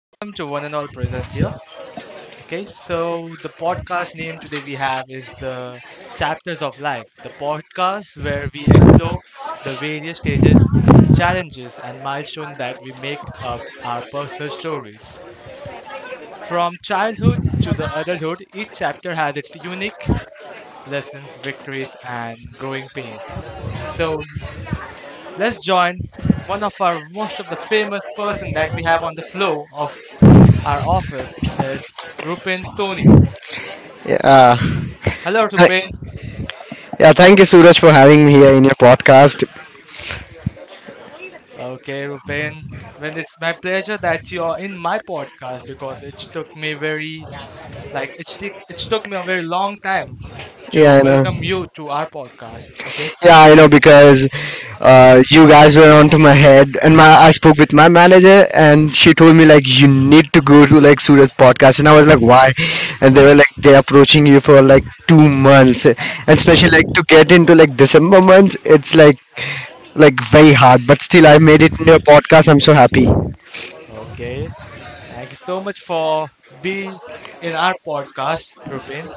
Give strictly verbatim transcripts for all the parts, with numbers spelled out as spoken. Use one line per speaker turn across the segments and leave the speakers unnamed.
welcome to one and all present here. Okay, so the podcast name today we have is the Chapters of Life, the podcast where we explore the various stages, challenges, and milestones that we make up our personal stories. From childhood to the adulthood, each chapter has its unique lessons, victories, and growing pains. So, let's join one of our most of the famous person that we have on the floor of Our office is Rupen Soni.
Yeah. Uh,
Hello, Rupen.
Th- yeah, thank you, Suraj, for having me here in your podcast.
Okay, Rupen. Well, it's my pleasure that you are in my podcast because it took me very, like, it, took it took me a very long time to
Yeah, I know.
welcome you to our podcast. Okay.
Yeah, I know because uh, you guys were onto my head, and my I spoke with my manager, and she told me like you need to go to like Suraj's podcast, and I was like why, and they were like they're approaching you for like two months, and especially like to get into like December month, it's like like very hard, but still I made it in your podcast. I'm so happy.
Okay. Thank you so much for being in our podcast, Rupen.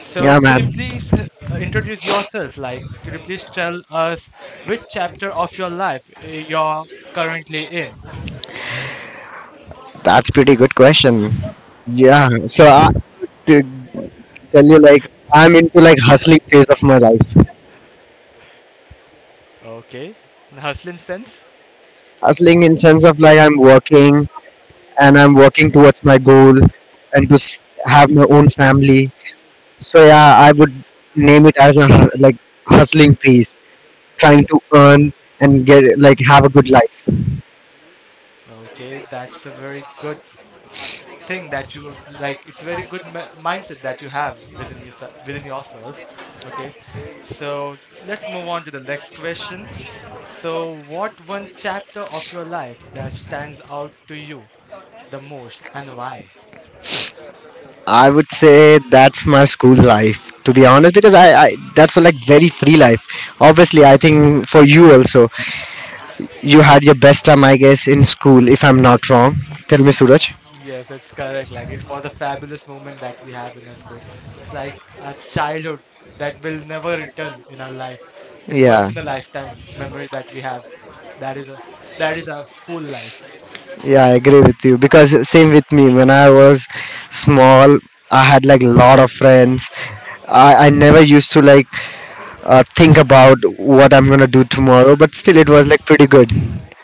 So,
Yeah,
could you
man,
please uh, introduce yourself? Like, could you please tell us which chapter of your life uh, you're currently in?
that's pretty good question. Yeah, so I, to tell you like I'm into like hustling phase of my life.
Okay, hustling sense.
Hustling in sense of like I'm working and I'm working towards my goal and to s- have my own family. So yeah, I would name it as a hu- like hustling phase, trying to earn and get like have a good life.
Okay, that's a very good thing that you like. It's a very good m mindset that you have within yourself, within yourself. Okay, so let's move on to the next question. So, what one chapter of your life that stands out to you the most, and why?
I would say that's my school life to be honest because I, I that's like very free life. Obviously, I think for you also you had your best time I guess in school if I'm not wrong. Tell me, Suraj.
Yes, it's correct. Like it was a fabulous moment that we have in our school. It's like a childhood that will never return in our life. It's once
Yeah,
in a lifetime memory that we have. That is a That is our school life.
yeah, I agree with you because same with me. When I was small, I had like lot of friends, i, I never used to like uh, think about what I'm gonna do tomorrow, but still it was like pretty good.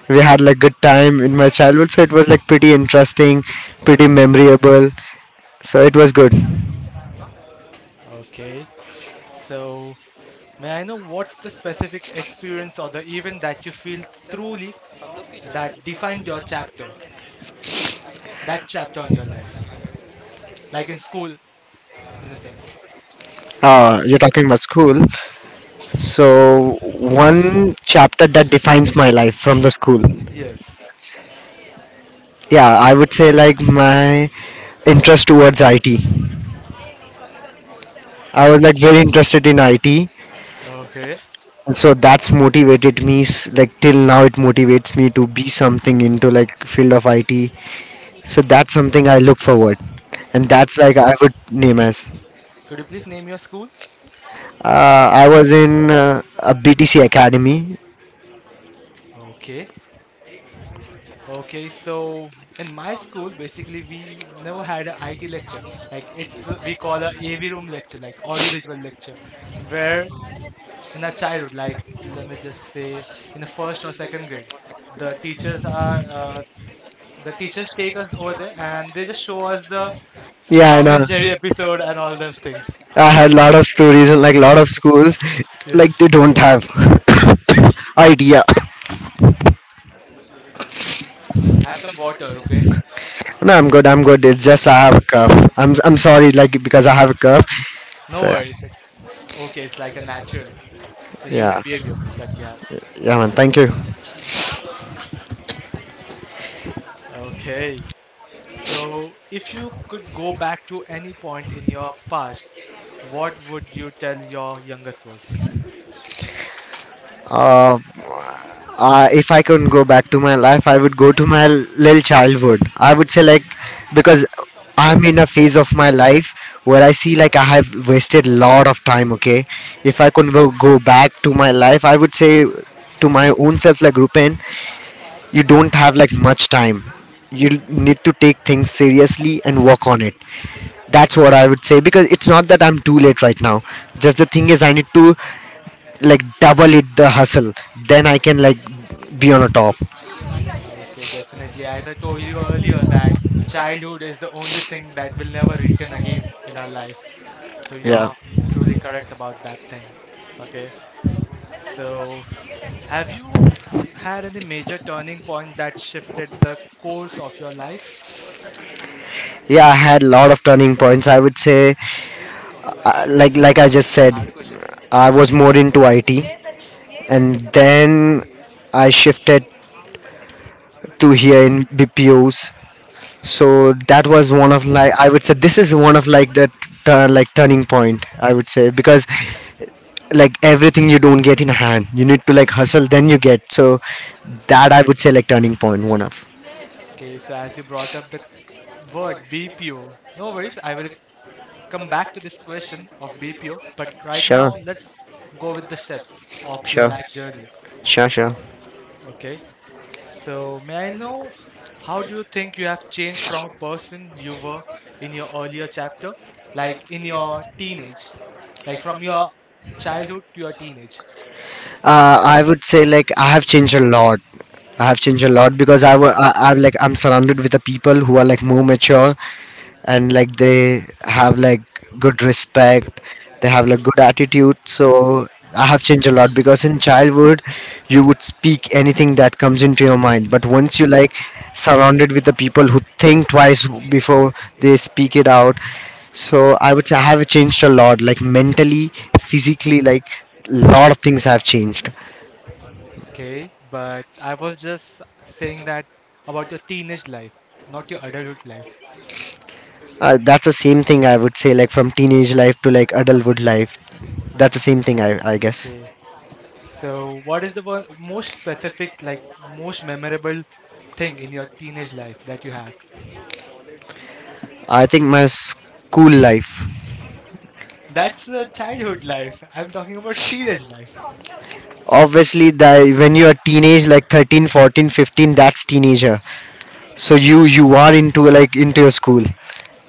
We had like good time in my childhood, so it was like pretty interesting, pretty memorable, so it was good.
Okay. So may I know what's the specific experience or the event that you feel truly that defined your chapter, that chapter on your life, like in school, in a sense.
Uh, you're talking about school, so one chapter that defines my life from the school.
Yes.
Yeah, I would say like my interest towards it. I was like very interested in it, and
Okay.
so that's motivated me s- like till now. It motivates me to be something into like field of it. So that's something I look forward, and that's like
Okay.
I would name as
Could you please name your school?
uh, I was in uh, a BTC Academy.
Okay. Okay, so in my school, basically, we never had an I T lecture. Like it's uh, we call a AV room lecture, like audiovisual lecture, where in our childhood, like let me just say, in the first or second grade, the teachers are uh, the teachers take us over there and they just show us the
Yeah, I
Tom
know.
and Jerry episode and all those things.
I had a
Like,
lot of stories in like a lot of schools. Like
yes,
they don't have idea.
have some water, Rupen.
No, I'm good. I'm good. It's just I have a cough. I'm I'm sorry, like because I have a cough.
No
So yeah,
worries, it's okay. It's like a natural, it's a human
yeah,
behavior that we have.
yeah, man. Thank you.
Okay. So, if you could go back to any point in your past, what would you tell your younger self?
Uh, uh, if I could go back to my life, I would go to my little childhood. I would say like because I'm in a phase of my life where I see like I have wasted a lot of time. Okay, if I could go go back to my life, I would say to my own self like, Rupen, you don't have like much time. You need to take things seriously and work on it. That's what I would say because it's not that I'm too late right now. Just the thing is, I need to like double it the hustle. Then I can like be on a top.
Okay, definitely. As I told you earlier, that childhood is the only thing that will never return again in our life. So,
Yeah,
you're truly correct about that thing. Okay, so have you had any major turning point that shifted the course of your life?
yeah. I had a lot of turning points. I would say, uh, like like I just said, I was more into I T, and then I shifted to here in B P Os. So that was one of, like, I would say this is one of like the tur- like turning point, I would say, because like everything you don't get in hand, you need to like hustle then you get. So that I would say like turning point, one of.
Okay, so as you brought up the word B P O, no worries, I will come back to this question of B P O, but right now
Sure.
let's go with the steps of your
Sure,
life journey.
sure, sure.
Okay. So, may I know how do you think you have changed from a person you were in your earlier chapter, like in your teenage, like from your childhood to your teenage?
uh, I would say like I have changed a lot. I have changed a lot because I, wa- I, I'm like I'm surrounded with the people who are like more mature, and like they have like good respect, they have like good attitude. So I have changed a lot because in childhood you would speak anything that comes into your mind, but once you like surrounded with the people who think twice before they speak it out, so I would say I have changed a lot, like mentally, physically, like lot of things have changed.
Okay. But I was just saying that about your teenage life, not your adulthood life.
Uh, that's the same thing I would say, like from teenage life to like adulthood life. That's the same thing, i, I guess.
Okay. So, what is the one, most specific, like most memorable thing in your teenage life that you have?
I think my school life.
That's uh, childhood life. I'm talking about teenage life.
Obviously, that when you're teenage, like thirteen, fourteen, fifteen, that's teenager. So you you are into like into your school,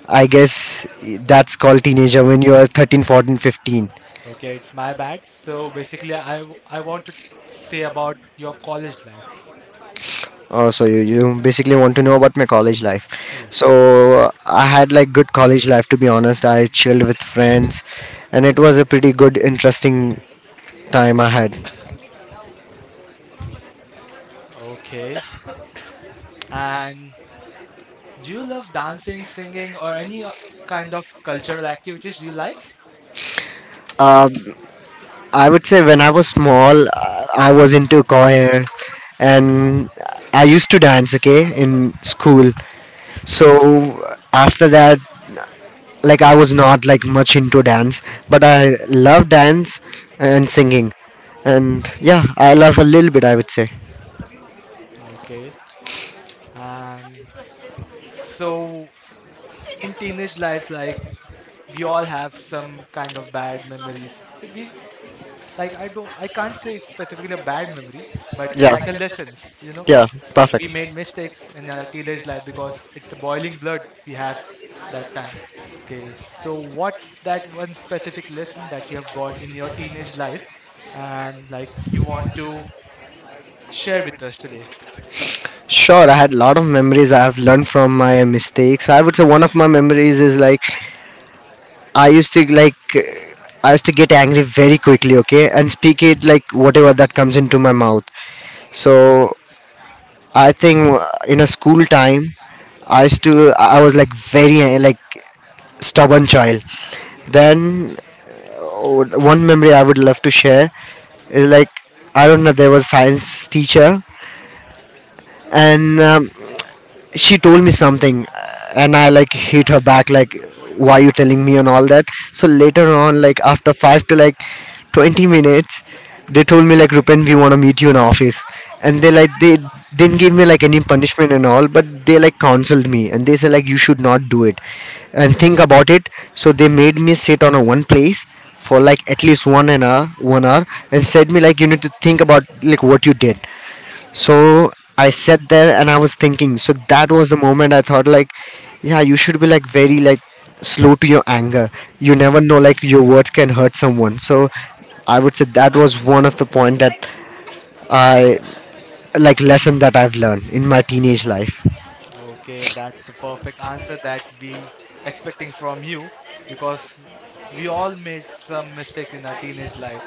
I guess. That's called teenager when you are thirteen, fourteen, fifteen.
Okay, it's my bad. So basically, I w- I want to say about your college life.
Oh, so you, you basically want to know about my college life.
Yes.
So I had like good college life to be honest. I chilled with friends, and it was a pretty good, interesting time I had.
Okay. And do you love dancing, singing, or any o- kind of cultural activities? Do you like?
Uh, I would say when I was small, uh, I was into choir and I used to dance, okay, in school. So after that, like I was not like much into dance, but I love dance and singing. And yeah, I love a little bit, I would say.
Okay. And so in teenage life, like we all have some kind of bad memories. It be like I don't I can't say it's specifically a bad memory, but
Yeah,
like a lessons, you know.
yeah,
Like we
perfect.
made mistakes in our teenage life because it's the boiling blood we have that time. Okay, so what that one specific lesson that you have got in your teenage life and like you want to share with us today?
Sure, I had a lot of memories. I have learned from my mistakes. I would say one of my memories is like I used to like uh, I used to get angry very quickly, okay, and speak it like whatever that comes into my mouth. So I think uh, in a school time, I used to I I was like very uh, like stubborn child. Then, oh, one memory I would love to share is like, I don't know, there was science teacher, and um, she told me something, uh, and I like hit her back like, why you telling me and all that. So later on, like after five to like twenty minutes, they told me like, Rupen, we want to meet you in office. And they like they didn't give me like any punishment and all, but they like counseled me, and they said like, you should not do it and think about it. So they made me sit on a one place for like at least one an hour one hour and said me like, you need to think about like what you did. So I sat there and I was thinking. So that was the moment I thought like, yeah, you should be like very like slow to your anger. You never know, like your words can hurt someone. So I would say that was one of the point that I like lesson that I've learned in my teenage life.
Okay, that's the perfect answer that we expecting from you because we all made some mistakes in our teenage life,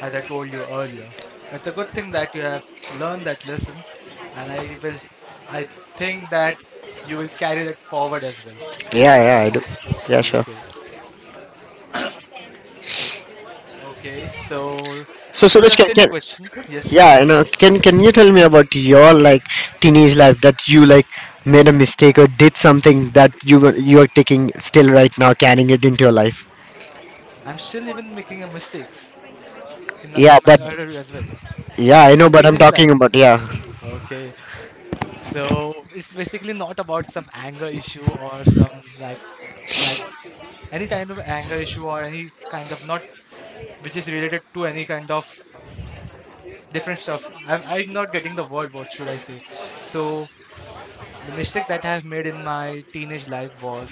as I told you earlier. That's a good thing that you have learned that lesson, and I will, I think that you will carry that forward as well.
Yeah, yeah,
That
I do.
lesson.
Yeah, sure.
Okay. Okay. So
So,
this is
Suraj,
a
can,
silly
can
question. Yes,
yeah, you know, can can you tell me about your like teenage life that you like made a mistake or did something that you were- you are taking still right now, carrying it into your life?
I'm still even making a mistakes in
Yeah,
in my
but
order as well,
yeah, I
but
know,
in
but I'm
teenage
talking
life.
about, yeah,
Okay. So it's basically not about some anger issue or some like like any kind of anger issue or any kind of not which is related to any kind of different stuff. I'm I'm not getting the word. What should I say? So the mistake that I have made in my teenage life was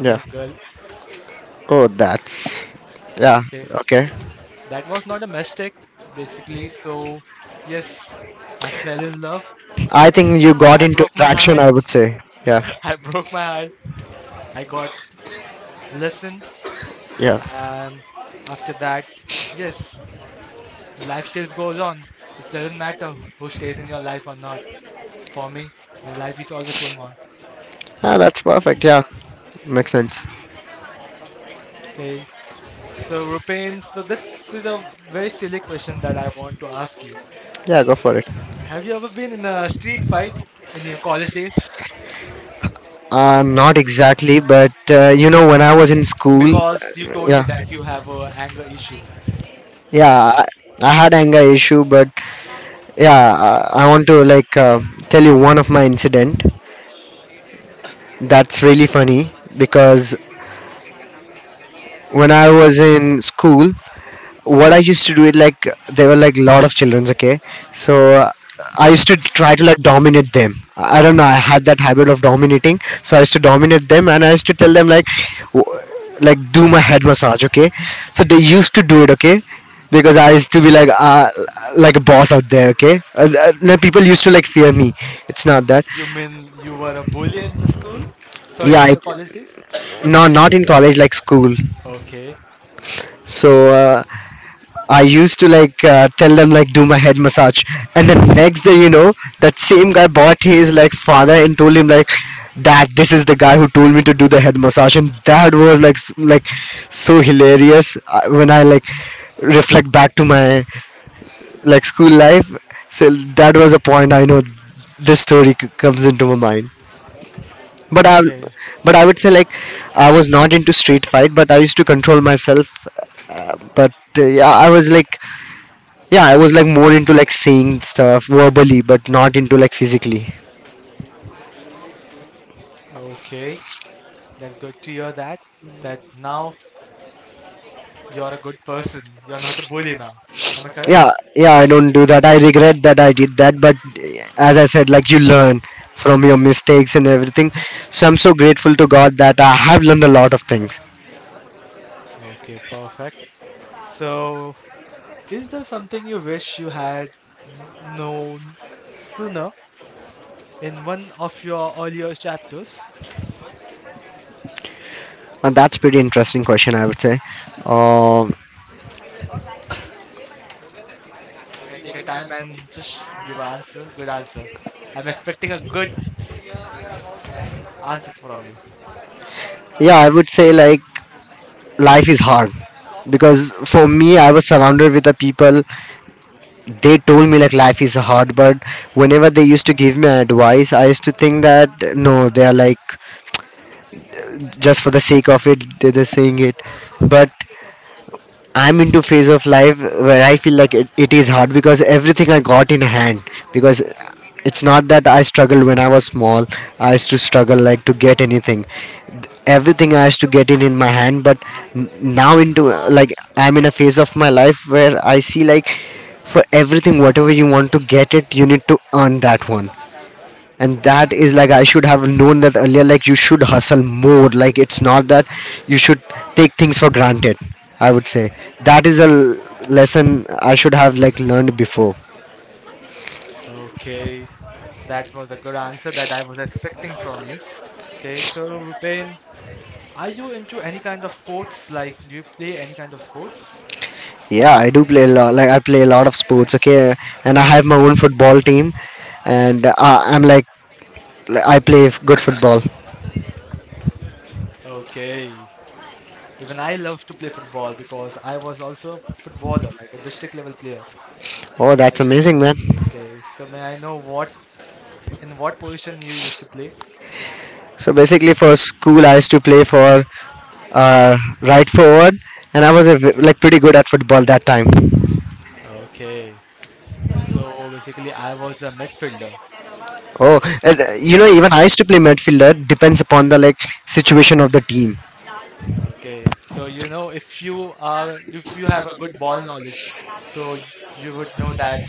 yeah.
a girl.
Oh, that's, yeah.
Okay,
Okay,
that was not a mistake basically. So yes, I fell in love.
I think you got
I
into
broke my
attraction,
heart.
I would say. Yeah,
I broke my heart. I got lesson
yeah.
and after that, yes, life still goes on. It doesn't matter who stays in your life or not. For me, my life is always going on.
Ah, that's perfect. Yeah, makes sense.
Okay, so Rupin, so this is a very silly question that I want to ask you.
Yeah, go for it.
Have you ever been in a street fight in your college days?
Uh, not exactly, but uh, you know, when I was in school, uh,
Because you told me
yeah,
that you have a anger issue. That's
yeah,
why.
I, I had anger issue, but yeah, I, I want to like uh, tell you one of my incident. That's really funny because when I was in school, what I used to do it like there were like lot of childrens, okay. So uh, I used to try to like dominate them. I don't know, I had that habit of dominating, so I used to dominate them, and I used to tell them like, w- like do my head massage, okay. So they used to do it, okay. Because I used to be like, uh, like a boss out there, okay. Uh, uh, no, people used to like fear me. It's not that.
You mean you were a bully in the school, sorry
Yeah,
in
it,
your college days?
no, not in college, like school.
Okay.
So uh, I used to like uh, tell them like do my head massage, and the next day, you know, that same guy bought his like father and told him like that this is the guy who told me to do the head massage, and that was like s- like so hilarious uh, when I like reflect back to my like school life. So that was a point, I know this story c- comes into my mind. But I,
Okay.
but I would say like I was not into street fight, but I used to control myself. Uh, but uh, yeah, I was like yeah i was like more into like saying stuff verbally but not into like physically.
Okay. That's good to hear that. That now you're a good person. You're not a bully now. Am I correct?
Yeah, yeah, I don't do that. I regret that I did that, but eh, as I said, like, you learn from your mistakes and everything. So I'm so grateful to God that I have learned a lot of things.
Okay, perfect. So, is there something you wish you had n- known sooner in one of your earlier chapters?
And that's pretty interesting question, I would say. um
You can take a time and just give an answer. Good answer. I'm expecting a good answer from you.
yeah, I would say, like, life is hard because for me I was surrounded with the people. They told me like life is hard, but whenever they used to give me advice I used to think that no, they are like just for the sake of it they're just saying it. But I'm into phase of life where I feel like it, it is hard because everything I got in hand. Because it's not that I struggled when I was small. I used to struggle like to get anything. Everything I used to get in in my hand. But n- now into uh, like I'm in a phase of my life where I see like for everything whatever you want to get it you need to earn that one. And that is like I should have known that earlier, like you should hustle more, like it's not that you should take things for granted. I would say that is a l- lesson I should have like learned before.
Okay, that was a good answer that I was expecting from you. Okay, so Rupen, are you into any kind of sports? Like, do you play any kind of sports?
Yeah, I do play a lot, like I play a lot of sports. Okay. And I have my own football team. And uh, I'm like like, I play f- good football.
Okay. Even I love to play football because I was also a footballer, like a district level player.
Oh,
I
that's
used to play.
amazing, man.
Okay, so may I know what in what position you used to play?
So basically for school I used to play for uh, right forward. And I was a v- like pretty good at football that time.
Okay. So basically I was a midfielder.
Oh,
Okay.
and, uh, you know,
So,
even I used to play midfielder. Depends upon the like situation of the team.
okay. So you know if you are if you have a good ball knowledge, so y- you would know that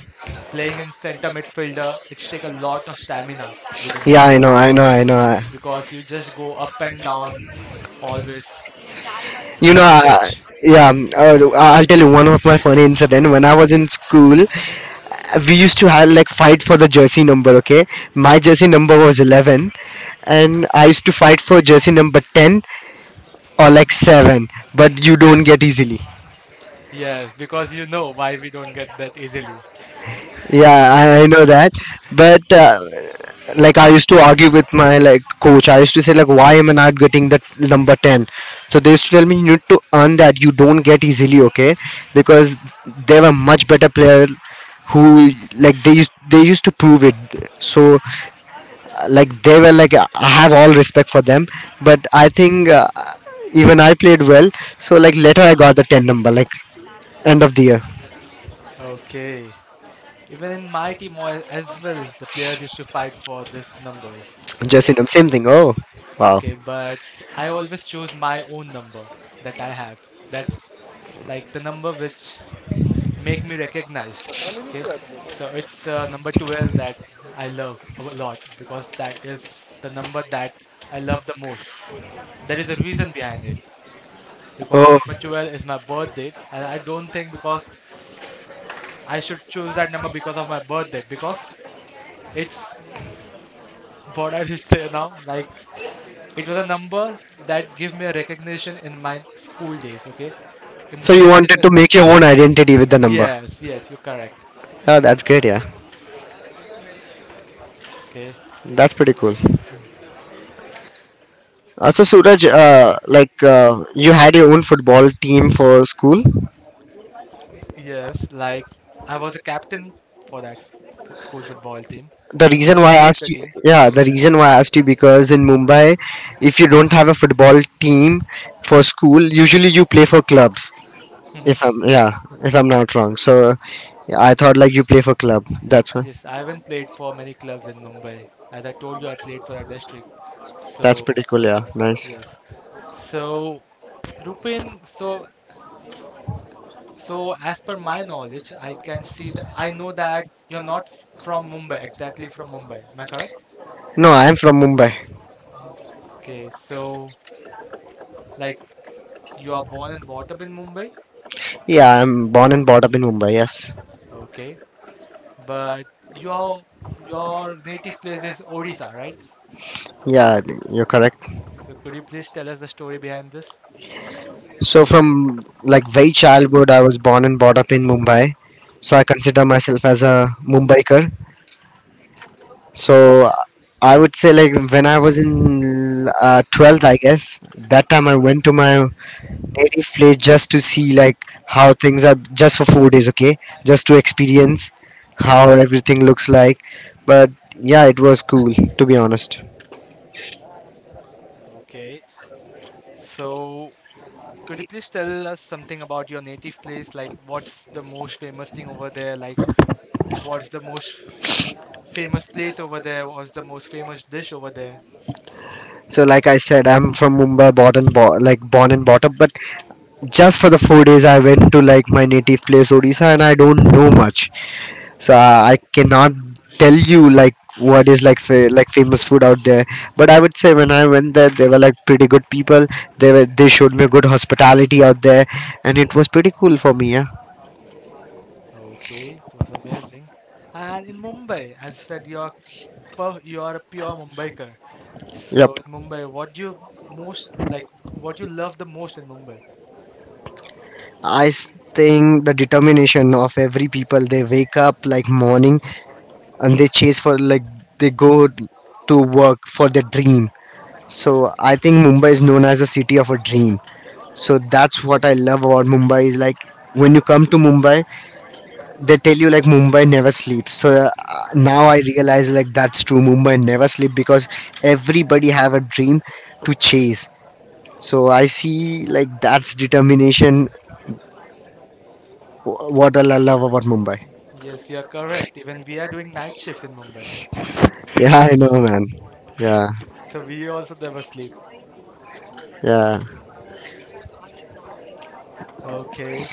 playing in center midfielder, it's take a lot of stamina within
Yeah,
you.
I know, I know, I know.
Okay? Because you just go up and down always
You know,
on the
uh,
pitch.
yeah. um, Uh, I'll tell you one of my funny incident. When I was in school, we used to have like fight for the jersey number. Okay, my jersey number was eleven, and I used to fight for jersey number ten or like seven. But you don't get easily.
Yes, because you know why we don't get that easily.
Yeah, I, I know that. But uh, like I used to argue with my like coach. I used to say like, why am I not getting that number ten? So they used to tell me you need to earn that. You don't get easily, okay? Because they were much better player who like they used they used to prove it. So like they were like I have all respect for them. But I think uh, even I played well. So like later I got the ten number like end of the year.
Okay. Even in my team al- as well, the players used to fight for these numbers.
Just
Okay.
in the same thing. Oh, wow.
Okay, but I always choose my own number that I have. That like the number which make me recognized. Okay. So it's uh, number twelve that I love a lot because that is the number that I love the most. There is a reason behind it. Because
Oh,
number twelve is my birth date and I don't think because I should choose that number because of my birth date because it's what I did say now, like it was a number that gave me a recognition in my school days. Okay, in
so
the
you
school days
wanted
as
to
well.
make your own identity with the number.
Yes, yes, you're correct.
Oh, that's great. Yeah,
Okay.
that's pretty cool. Uh, so Suraj, uh, like uh, you had your own football team for school.
Yes, like I was a captain for that s- f- school football team.
The
Okay, I
reason
used
why
to
I
lead
asked
the
you,
team.
yeah, the reason why I asked you, because in Mumbai, if you don't have a football team for school, usually you play for clubs.
Hmm.
If I'm yeah, if I'm not wrong. So uh, I thought like you play for club. That's why.
Yes, I haven't played for many clubs in Mumbai. As I told you, I played for a district, so
That's pretty cool. Yeah, nice.
yes. So, Rupin, so so as per my knowledge, I can see that I know that you're not from Mumbai, exactly from Mumbai. Am I correct?
No,
Like,
I'm from Mumbai.
okay, so like you are born and brought up in Mumbai,
Yeah, I'm born and brought up in Mumbai. Yes.
okay, but your your native place is Odisha, right?
Yeah, you're correct.
So, could you please tell us the story behind this?
So from like very childhood, I was born and brought up in Mumbai. So I consider myself as a Mumbaiker. So I would say like when I was in uh, twelfth, I guess. That time I went to my any place just to see like how things are, just for four days. Okay. Just to experience how everything looks like. But yeah, it was cool, to be honest.
Okay, so could you please tell us something about your native place? Like, what's the most famous thing over there? Like, what's the most famous place over there? Was the most famous dish over there?
So like I said, I'm from Mumbai, born and bo- like born and brought up. But just for the four days I went to like my native place Odisha, and I don't know much. So uh, I cannot tell you like what is like fa- like famous food out there. But I would say when I went there they were like pretty good people. They were they showed me good hospitality out there, and it was pretty cool for me. Yeah.
Okay, it was amazing. And in Mumbai, as you said, you're pu- you are a pure Mumbaiker.
Yep.
So in Mumbai, what do you most like? What you love the most in Mumbai?
I s- think the determination of every people. They wake up like morning and they chase for like they go to work for their dream. So I think Mumbai is known as the city of a dream. So that's what I love about Mumbai is like when you come to Mumbai they tell you like Mumbai never sleeps. So uh, now I realize like that's true, Mumbai never sleep, because everybody have a dream to chase. So I see like that's determination, wh- what I love about Mumbai.
Yes, you are correct. Even we are doing night shifts in Mumbai,
Yeah, I know, man. Yeah.
so we also never sleep.
Yeah.
Okay,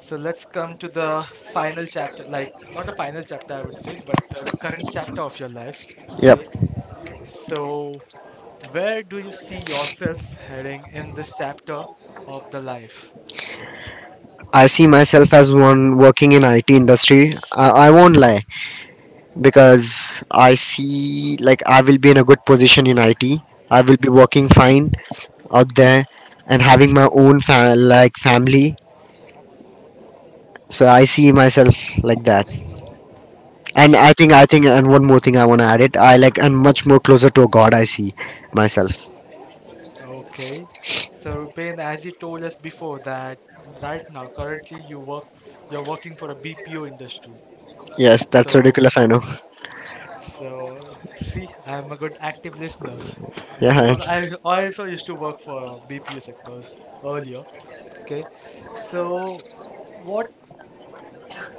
so let's come to the final chapter. Like not a final chapter, I would say, but the current chapter of your life.
Yep.
Okay, so where do you see yourself heading in this chapter of the life?
I see myself as one working in it industry. i, I won't lie. Because I see like I will be in a good position in it. I will be working fine out there. And having my own fa- like family. So I see myself like that. And i
Okay.
think i think and one more thing I want to add it, I like, and much more closer to a God, I see myself.
Okay. So Rupen, as you told us before that right now, currently you work you're working for a B P O industry.
Yes, that's
So
ridiculous, I know.
so see, I'm a good active listener
Yeah.
because I I also used to work for B P O sectors earlier. Okay. So what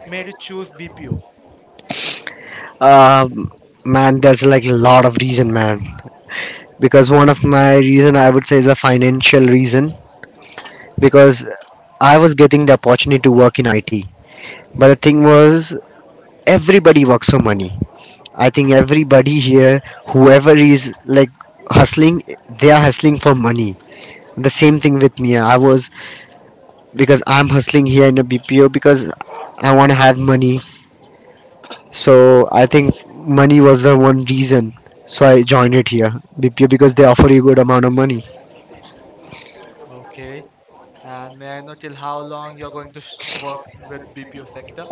made you choose B P O?
um Man, there's like a lot of reason, man. Because one of my reason, I would say, is a financial reason. Because I was getting the opportunity to work in it. But the thing was, everybody works for money. I think everybody here, whoever is like hustling, they are hustling for money. The same thing with me, I was, because I'm hustling here in a B P O because I want to have money. So I think money was the one reason. So I joined it here B P O because they offer you good amount of money.
Okay. And may I know till how long you're going to s- work with B P O sector?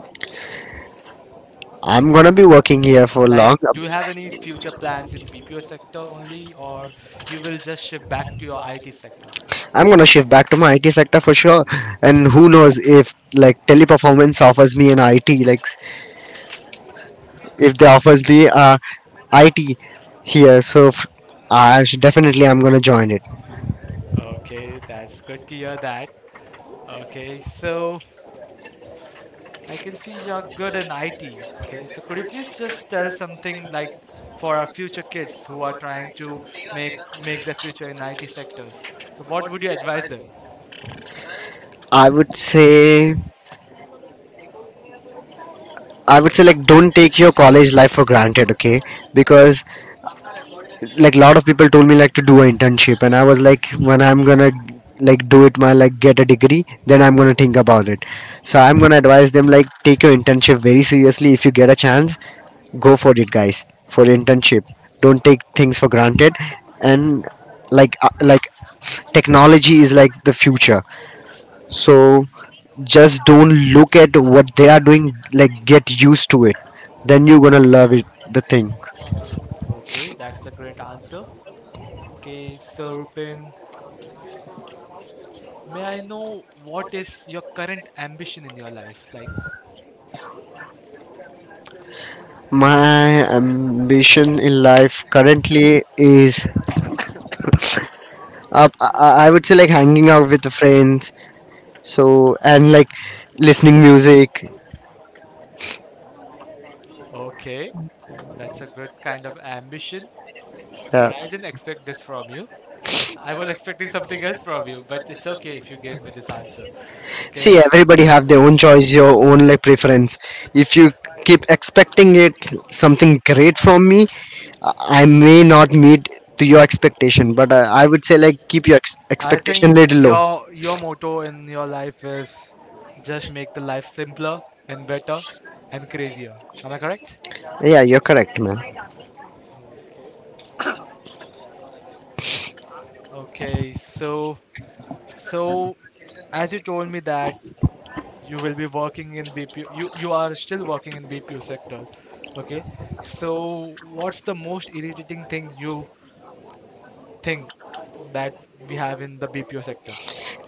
I'm gonna be working here for
Like,
long.
do you have any future plans in B P O sector only, or you will just shift back to your I T sector?
I'm gonna shift back to my I T sector for sure. And who knows if like teleperformance offers me an I T like if they offers me uh I T here. So f- I should definitely I'm gonna join it.
Okay, that's good to hear that. Okay, so I can see you're good in I T. Okay, so could you please just tell something like for our future kids who are trying to make make their future in I T sectors? So what would you advise them?
I would say I would say like don't take your college life for granted. Okay, because like a lot of people told me like to do an internship and I was like when I'm gonna like do it, my like get a degree, then I'm gonna think about it. So I'm gonna advise them like take your internship very seriously. If you get a chance, go for it, guys, for internship. Don't take things for granted. And like uh, like technology is like the future. So just don't look at what they are doing, like get used to it, then you're gonna love it, the thing.
Okay, that's a great answer. Okay, so Rupin, may I know what is your current ambition in your life? Like,
My ambition in life currently is uh, I I- I would say like hanging out with the friends. So and like listening music.
okay, that's a good kind of ambition,
Yeah.
but I didn't expect this from you. I was expecting something else from you, but it's okay if you gave me this answer.
See,
Okay.
everybody have their own choice, your own like preference. If you keep expecting it something great from me, I I may not meet to your expectation. But uh, I would say like keep your ex-
I
expectation
think
little low.
your your motto in your life is just make the life simpler and better and crazier. Am I correct?
Yeah, you're correct, man.
Okay. Okay, so so as you told me that you will be working in B P O. You you are still working in B P O sector, okay? So what's the most irritating thing you think that we have in the B P O sector?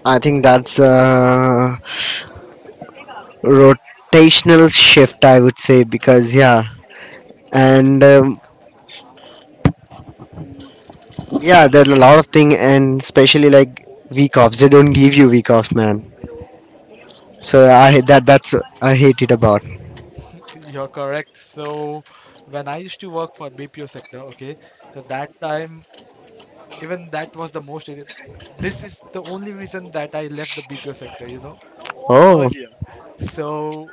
I think that's the rotational shift, I would say. Because yeah. And um, yeah, there's a lot of thing. And especially like week offs, they don't give you week offs, man. So I, that, that's, I hate it about.
You're correct. So when I used to work for B P O sector, okay, so that time even that was the most irrit- this is the only reason that I left the B P O sector, you know,
Oh.
earlier. So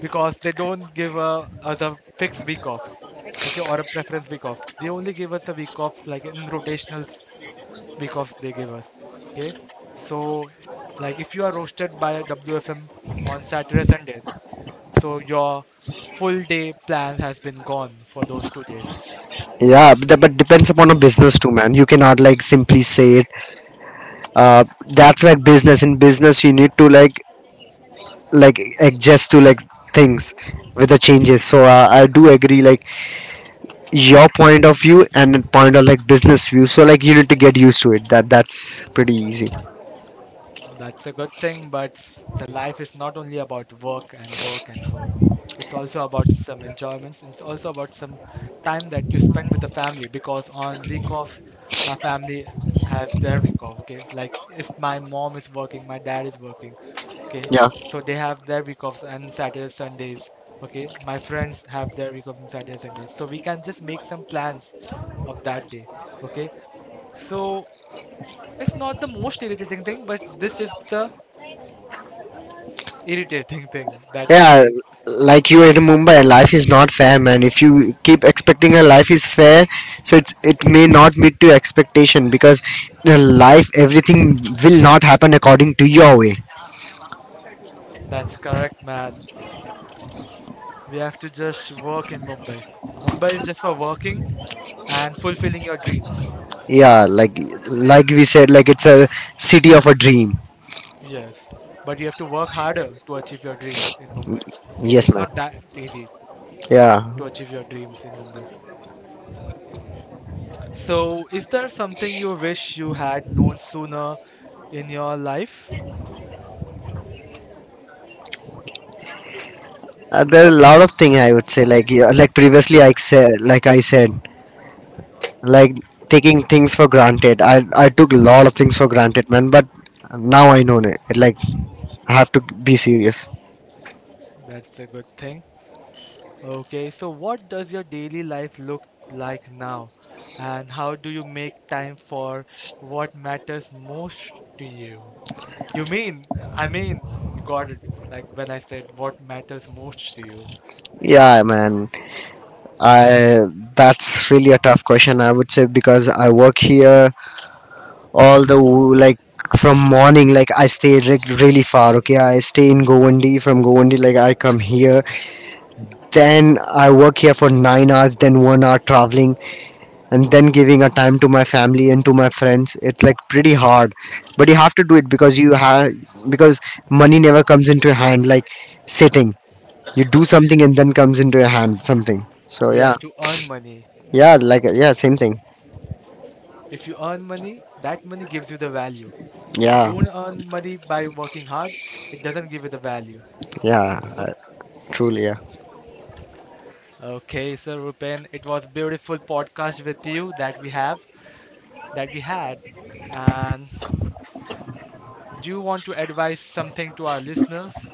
because they don't give uh, us a fixed week off, okay, or a preference week off. They only give us a week off, like in rotational s- week off they give us, okay. So, like if you are roasted by a W F M on Saturday, Sunday, so your full day plan has been gone for those two days.
Yeah, but, but depends upon a business too, man. You cannot like simply say it. uh that's like business. In business you need to like like adjust to like things with the changes. So uh, I do agree, like your point of view and point of like business view. So like you need to get used to it, that that's pretty easy.
That's a good thing, but the life is not only about work and work and work. It's also about some enjoyments. It's also about some time that you spend with the family because on week off, our family has their week off, okay? Like if my mom is working, my dad is working, okay?
Yeah.
So they have their week offs on Saturdays, Sundays, okay? My friends have their week offs on Saturdays, Sundays. So we can just make some plans of that day, okay? So it's not the most irritating thing, but this is the irritating thing that
Yeah,
I
like you in Mumbai, life is not fair, man. If you keep expecting a life is fair, so it's it may not meet to expectation. Because the life, everything will not happen according to your way.
that's correct, man. We have to just work in Mumbai. Mumbai is just for working and fulfilling your dreams.
Yeah, like like we said, like it's a city of a dream.
Yes. But you have to work harder to achieve your dreams in Mumbai. Okay,
Yes,
it's
man.
not that easy
Yeah.
to achieve your dreams in Mumbai. So, is there something you wish you had known sooner in your life?
Uh, there are a lot of thing, I would say, like yeah, like previously i said like i said like taking things for granted. I I took a lot of things for granted, man. But now I know it. Like I have to be serious.
That's a good thing. Okay, so what does your daily life look like now? And how do you make time for what matters most to you? You mean, I mean, you got it. Like when I said what matters most to you,
Yeah, man. I That's really a tough question. I would say because I work here all the w- like from morning. Like I stay re- really far. Okay, I stay in Govandi. From Govandi, like I come here. Then I work here for nine hours. Then one hour traveling. And then giving a time to my family and to my friends, it's like pretty hard. But you have to do it because you have, because money never comes into your hand, like sitting. You do something and then comes into your hand something. So
you
yeah.
have to earn money.
Yeah, like yeah, same thing.
If you earn money, that money gives you the value. If you
Yeah.
don't earn money by working hard, it doesn't give you the value,
Yeah,
you know?
I, truly. Yeah.
Okay, so Rupen, it was beautiful podcast with you that we have, that we had. And do you want to advise something to our listeners?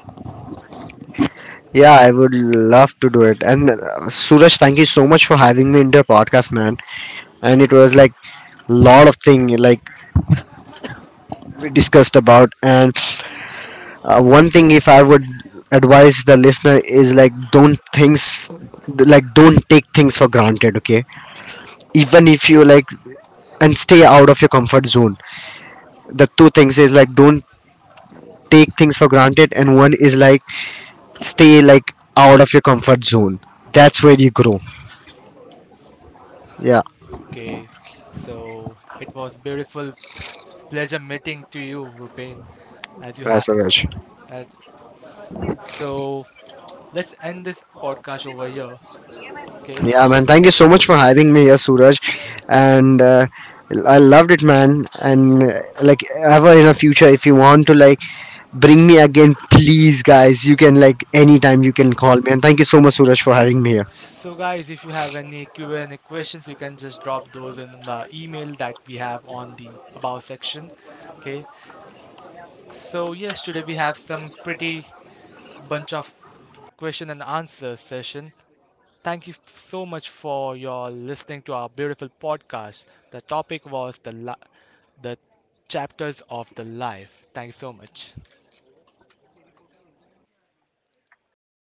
Yeah, I would love to do it. And uh, Suraj, thank you so much for having me in your podcast, man. And it was like lot of thing like we discussed about. And uh, one thing if I would advise the listener is like don't things like don't take things for granted. Okay, even if you like, and stay out of your comfort zone. The two things is like don't take things for granted, and one is like stay like out of your comfort zone. That's where you grow. Yeah.
Okay, so it was beautiful pleasure meeting to you, Rupen, as you have
That's a...
that. So let's end this podcast over here. Okay.
Yeah, man. Thank you so much for having me here, Suraj. And uh, I loved it, man. And uh, like ever in the future, if you want to like bring me again, please, guys, you can like anytime you can call me. And thank you so much, Suraj, for having me here.
So guys, if you have any Q and A questions, you can just drop those in the email that we have on the about section. Okay. So yes, today we have some pretty bunch of question and answer session. Thank you so much for your listening to our beautiful podcast. The topic was the li- the chapters of the life. Thank you so much.